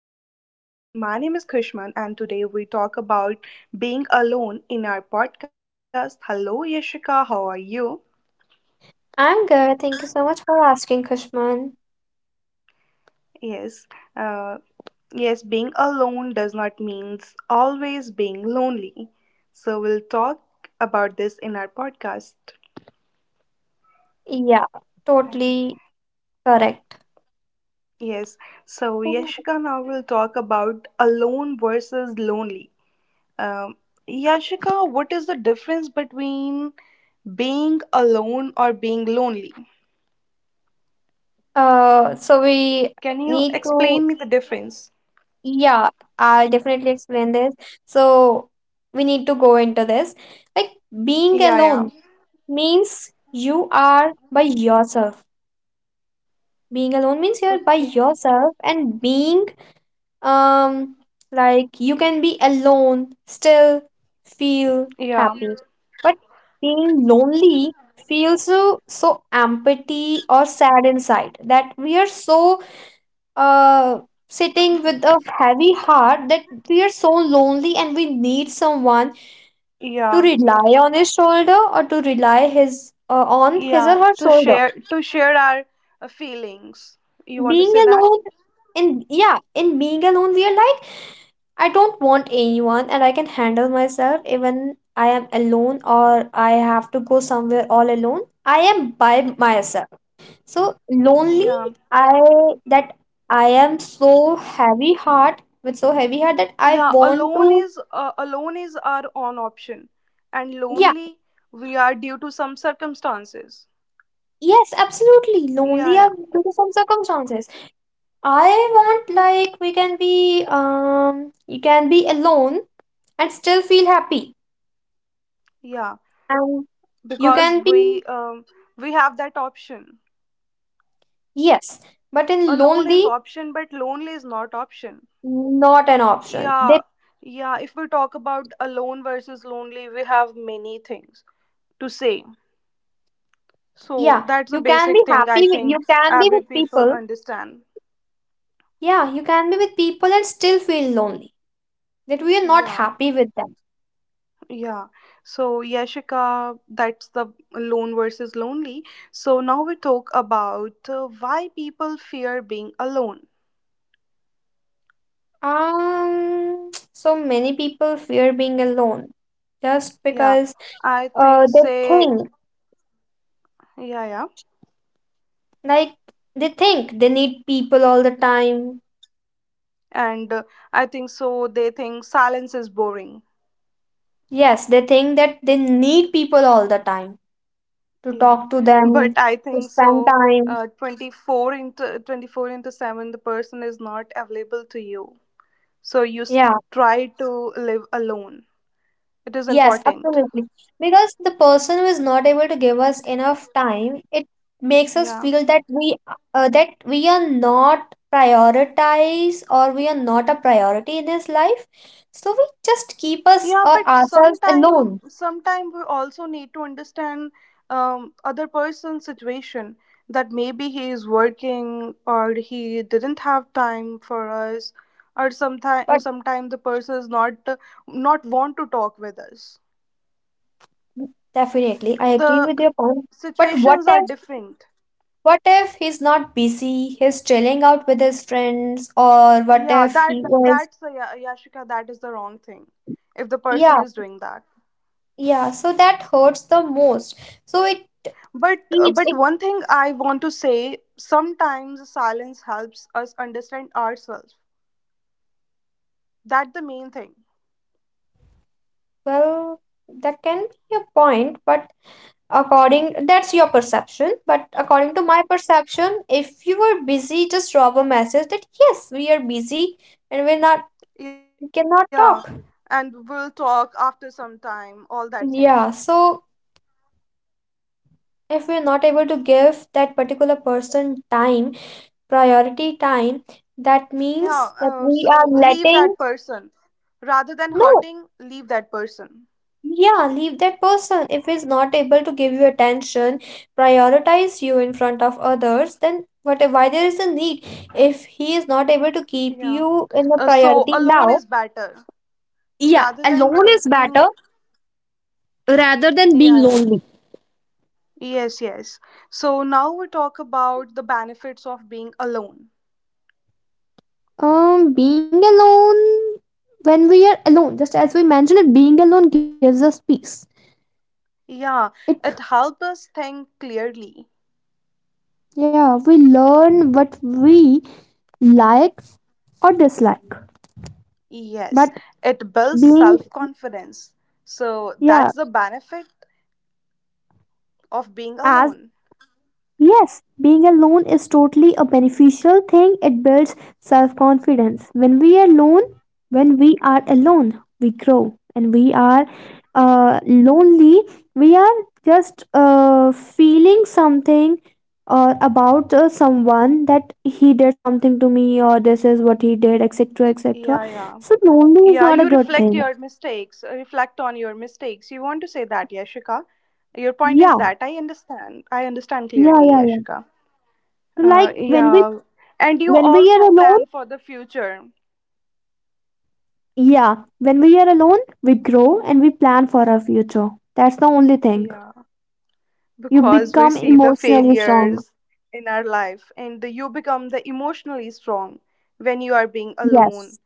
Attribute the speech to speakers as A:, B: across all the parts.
A: podcast. My name is Krishman, and today we talk about being alone in our podcast. Hello, Yashika. How are you?
B: I'm good. Thank you so much for asking, Kushman.
A: Yes. Uh, yes, being alone does not mean always being lonely. So we'll talk about this in our podcast.
B: Yeah, totally correct.
A: Yes. So Yashika, now we'll talk about alone versus lonely. Um, Yashika, what is the difference between being alone or being lonely?
B: So we
A: Can you
B: need to,
A: explain me the difference?
B: yeah, I'll definitely explain this. So we need to go into this. Like being
A: Yeah, yeah.
B: alone means you are by yourself. Being alone means you're by
A: Okay.
B: yourself, and being um like you can be alone still feel
A: Yeah.
B: happy, but being lonely feels so empty or sad inside that we are so uh sitting with a heavy heart that we are so lonely and we need someone to
A: Yeah.
B: rely on his shoulder or to rely his on his or
A: Yeah.
B: her
A: To
B: shoulder.
A: share to share our feelings. You want to
B: Being
A: say that?
B: alone in Yeah, in being alone we are like, I don't want anyone and I can handle myself even I am alone or I have to go somewhere all alone. I am by myself. So lonely,
A: Yeah.
B: I that I am so heavy heart, with so heavy heart that I
A: Yeah,
B: want to,
A: alone is our own option, and
B: yeah.
A: lonely we are due to some circumstances.
B: Yes, absolutely
A: Yeah,
B: lonely, I
A: yeah.
B: due to some circumstances. I want, like we can be you can be alone and still feel happy,
A: Yeah,
B: and you
A: because
B: can be,
A: we have that option.
B: yes, but in
A: Alone is
B: lonely.
A: option but lonely is not option.
B: Not an option.
A: Yeah,
B: They,
A: yeah. If we talk about alone versus lonely, we have many things to say.
B: yeah, you
A: So
B: can be
A: that's a
B: happy
A: basic
B: with,
A: thing
B: you
A: I
B: can
A: think
B: be with
A: every
B: people.
A: people understand.
B: Yeah, you can be with people and still feel lonely. That we are not
A: Yeah,
B: happy with them.
A: yeah. So Yashika, that's the alone versus lonely. So now we talk about why people fear being alone.
B: So many people fear being alone just
A: Yeah,
B: because
A: I think
B: they
A: say,
B: think,
A: yeah, yeah.
B: like they think they need people all the time.
A: And I think so they think silence is boring.
B: Yes, they think that they need people all the time to
A: Yeah,
B: talk to them,
A: but I
B: to
A: think
B: spend
A: so.
B: time.
A: 24 into 24 into 7, the person is not available to you. So you
B: Yeah.
A: try to live alone. It is
B: Yes,
A: important.
B: absolutely. Because the person who is not able to give us enough time, it makes us
A: Yeah.
B: feel that we are not prioritized or we are not a priority in his life. So we just keep us
A: Yeah,
B: or
A: but
B: ourselves
A: sometime
B: alone.
A: sometime we also need to understand other person's situation, that maybe he is working or he didn't have time for us, or sometime
B: But
A: sometime the person is not want to talk with us.
B: definitely, I agree
A: The
B: with your point. But what
A: situations are
B: if,
A: different.
B: what if he's not busy, he's chilling out with his friends, or what
A: Yeah,
B: if
A: that
B: he is.
A: that's the yashika, that is the wrong thing if the
B: Yeah,
A: person is doing that.
B: yeah, so that hurts the most. So it
A: But
B: keeps
A: but
B: it.
A: one thing I want to say, sometimes silence helps us understand ourselves. That the main thing.
B: Well, that can be a point, but according, that's your perception. But according to my perception, if you were busy, just drop a message that yes, we are busy and we're not,
A: Yeah,
B: cannot
A: and
B: talk.
A: we'll talk after some time, all that thing.
B: Yeah, so if we're not able to give that particular person time, priority time, that
A: Yeah,
B: means that we
A: so
B: are
A: leave that
B: letting,
A: person, rather than
B: no.
A: hurting, leave that person.
B: Yeah, leave that person. If he's not able to give you attention, prioritize you in front of others, then what, why there is a need? If he is not able to keep
A: Yeah,
B: you in the
A: so
B: priority
A: alone
B: now,
A: is better
B: yeah,
A: rather than
B: alone is
A: taking.
B: better rather than
A: Yeah,
B: being
A: yeah.
B: lonely.
A: Yes, yes. So now we talk about the benefits of being alone.
B: Being alone When we are alone, just as we mentioned it, being alone gives us peace.
A: Yeah,
B: It
A: it helps us think clearly.
B: Yeah, we learn what we like or dislike.
A: Yes,
B: But
A: it builds
B: being
A: self confidence. So
B: Yeah,
A: that's the benefit of being
B: as,
A: alone.
B: yes, being alone is totally a beneficial thing. It builds self-confidence. When we are alone, we grow. And we are lonely. We are just feeling something or about someone that he did something to me or this is what he did, etc., etc.
A: Yeah, yeah.
B: So lonely is
A: Yeah,
B: not a
A: you
B: good
A: reflect
B: thing.
A: your mistakes, reflect on your mistakes. You want to say that, Yashika? Your point is
B: Yeah,
A: that I understand. I understand clearly,
B: yeah.
A: Yashika.
B: So like
A: Yeah. And you
B: when we are
A: also
B: alone,
A: plan for the future.
B: yeah, when we are alone, we grow and we plan for our future. That's the only thing.
A: Yeah,
B: You
A: because we
B: become
A: see the
B: emotionally strong.
A: failures in our life and you become the emotionally strong when you are being alone.
B: Yes.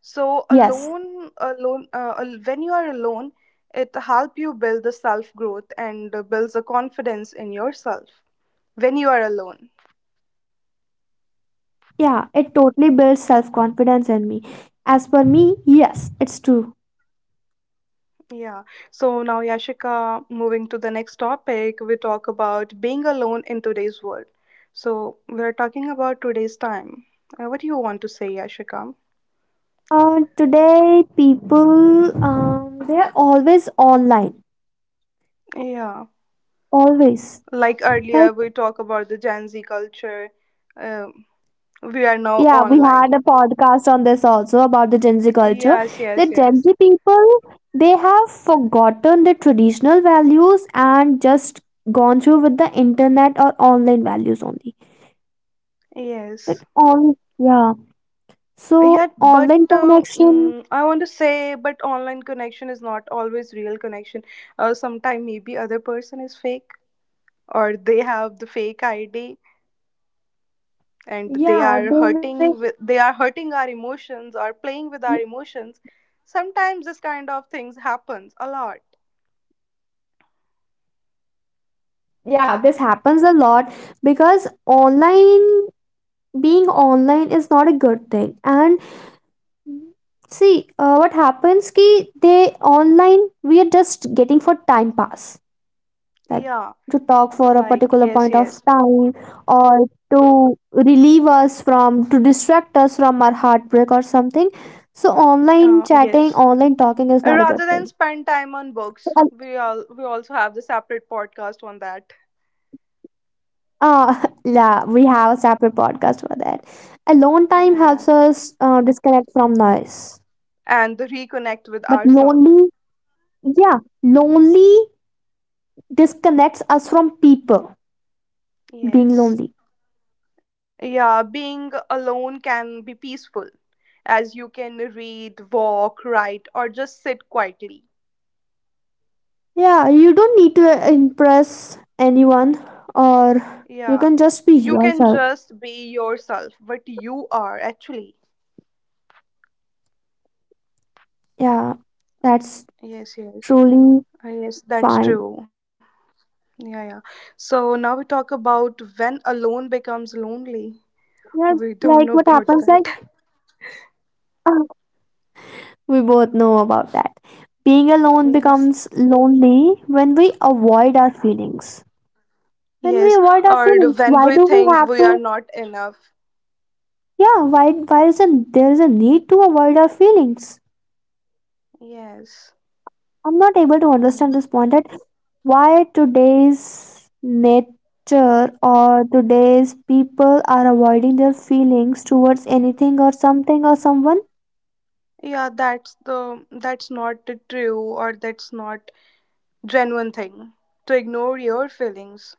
A: So
B: Yes.
A: when you are alone, it help you build the self growth and builds a confidence in yourself when you are alone.
B: Yeah, it totally builds self confidence in me. As for me, yes, it's true.
A: Yeah. So now yashika, moving to the next topic, we talk about being alone in today's world. So we are talking about today's time. What do you want to say yashika?
B: Today, people, they're always online.
A: Yeah.
B: Always.
A: Like earlier,
B: Like,
A: we talk about the Gen Z culture. Um, we are now
B: yeah, we had a
A: online.
B: podcast on this also about the Gen Z culture.
A: Yes,
B: The
A: yes,
B: Gen
A: yes,
B: Z people, they have forgotten the traditional values and just gone through with the internet or online values only. But
A: yes.
B: on, yeah,
A: Yeah,
B: so
A: but
B: online connection,
A: I want to say, but online connection is not always real connection. Sometime maybe other person is fake, or they have the fake ID, and they are hurting with they
B: yeah,
A: are
B: they
A: hurting
B: will,
A: our emotions or playing with our emotions. Sometimes this kind of things happens a lot.
B: yeah, this happens a lot because online being online is not a good thing. And see, what happens ki they online we are just getting for time pass. Like
A: Yeah,
B: to talk for a
A: like
B: particular point
A: yes,
B: of
A: yes,
B: time or to distract us from our heartbreak or something. So online chatting,
A: yes.
B: online talking is not a good
A: Rather
B: thing.
A: than spend time on
B: So uh,
A: books, we also have the separate podcast on that.
B: yeah, we have a separate podcast for that. Alone time
A: Yeah, yeah,
B: helps us disconnect from noise.
A: and the reconnect with
B: But
A: ourselves.
B: lonely, yeah, lonely disconnects us from people, being
A: Yes.
B: lonely.
A: Yeah, being alone can be peaceful, as you can read, walk, write, or just sit quietly.
B: Yeah, you don't need to impress anyone, or you
A: Yeah,
B: can just be
A: you can
B: yourself.
A: just be yourself, what you are actually.
B: Yeah, that's
A: Yes, yes.
B: truly
A: Yes, that's
B: fine.
A: true. Yeah, yeah. So now we talk about when alone becomes lonely.
B: Yeah,
A: We don't know
B: like what
A: about
B: happens,
A: that.
B: like uh, we both know about that. Being alone
A: Yes.
B: becomes lonely when we avoid our feelings. When we
A: Yes.
B: avoid our
A: Or
B: feelings,
A: when
B: why
A: we
B: do we
A: think
B: have
A: we are
B: to?
A: not enough.
B: Yeah, there is a need to avoid our feelings?
A: Yes.
B: I'm not able to understand
A: Mm.
B: this point that why today's nature or today's people are avoiding their feelings towards anything or something or someone.
A: Yeah, that's not the true, or that's not genuine thing to ignore your feelings.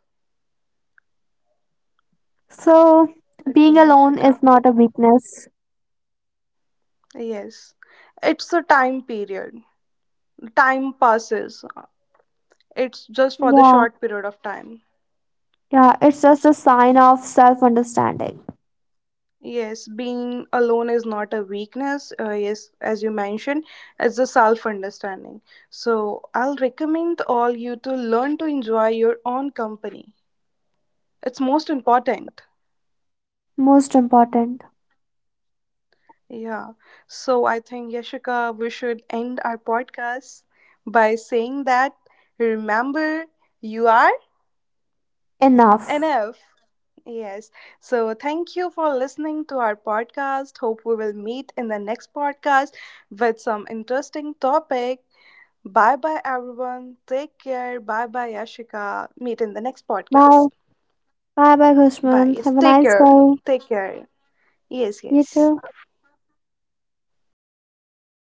B: So, being
A: Okay,
B: alone
A: Shika.
B: is not a weakness.
A: Yes. It's a time period. Time passes. It's just for the
B: Yeah,
A: short period of time.
B: yeah, it's just a sign of self understanding.
A: Yes, being alone is not a weakness. Yes, as you mentioned, it's a self understanding. So, I'll recommend all you to learn to enjoy your own company. It's most important.
B: Most important.
A: Yeah. So, I think, Yashika, we should end our podcast by saying that remember, you are
B: Enough.
A: enough. Yes. So, thank you for listening to our podcast. Hope we will meet in the next podcast with some interesting topic. Bye bye, everyone. Take care. Bye bye, Ashika. Meet in the next
B: Bye.
A: podcast.
B: Bye bye,
A: Bye.
B: Kushman.
A: Yes,
B: Have a
A: take
B: nice
A: care.
B: day.
A: Take care. Yes,
B: You
A: yes.
B: too.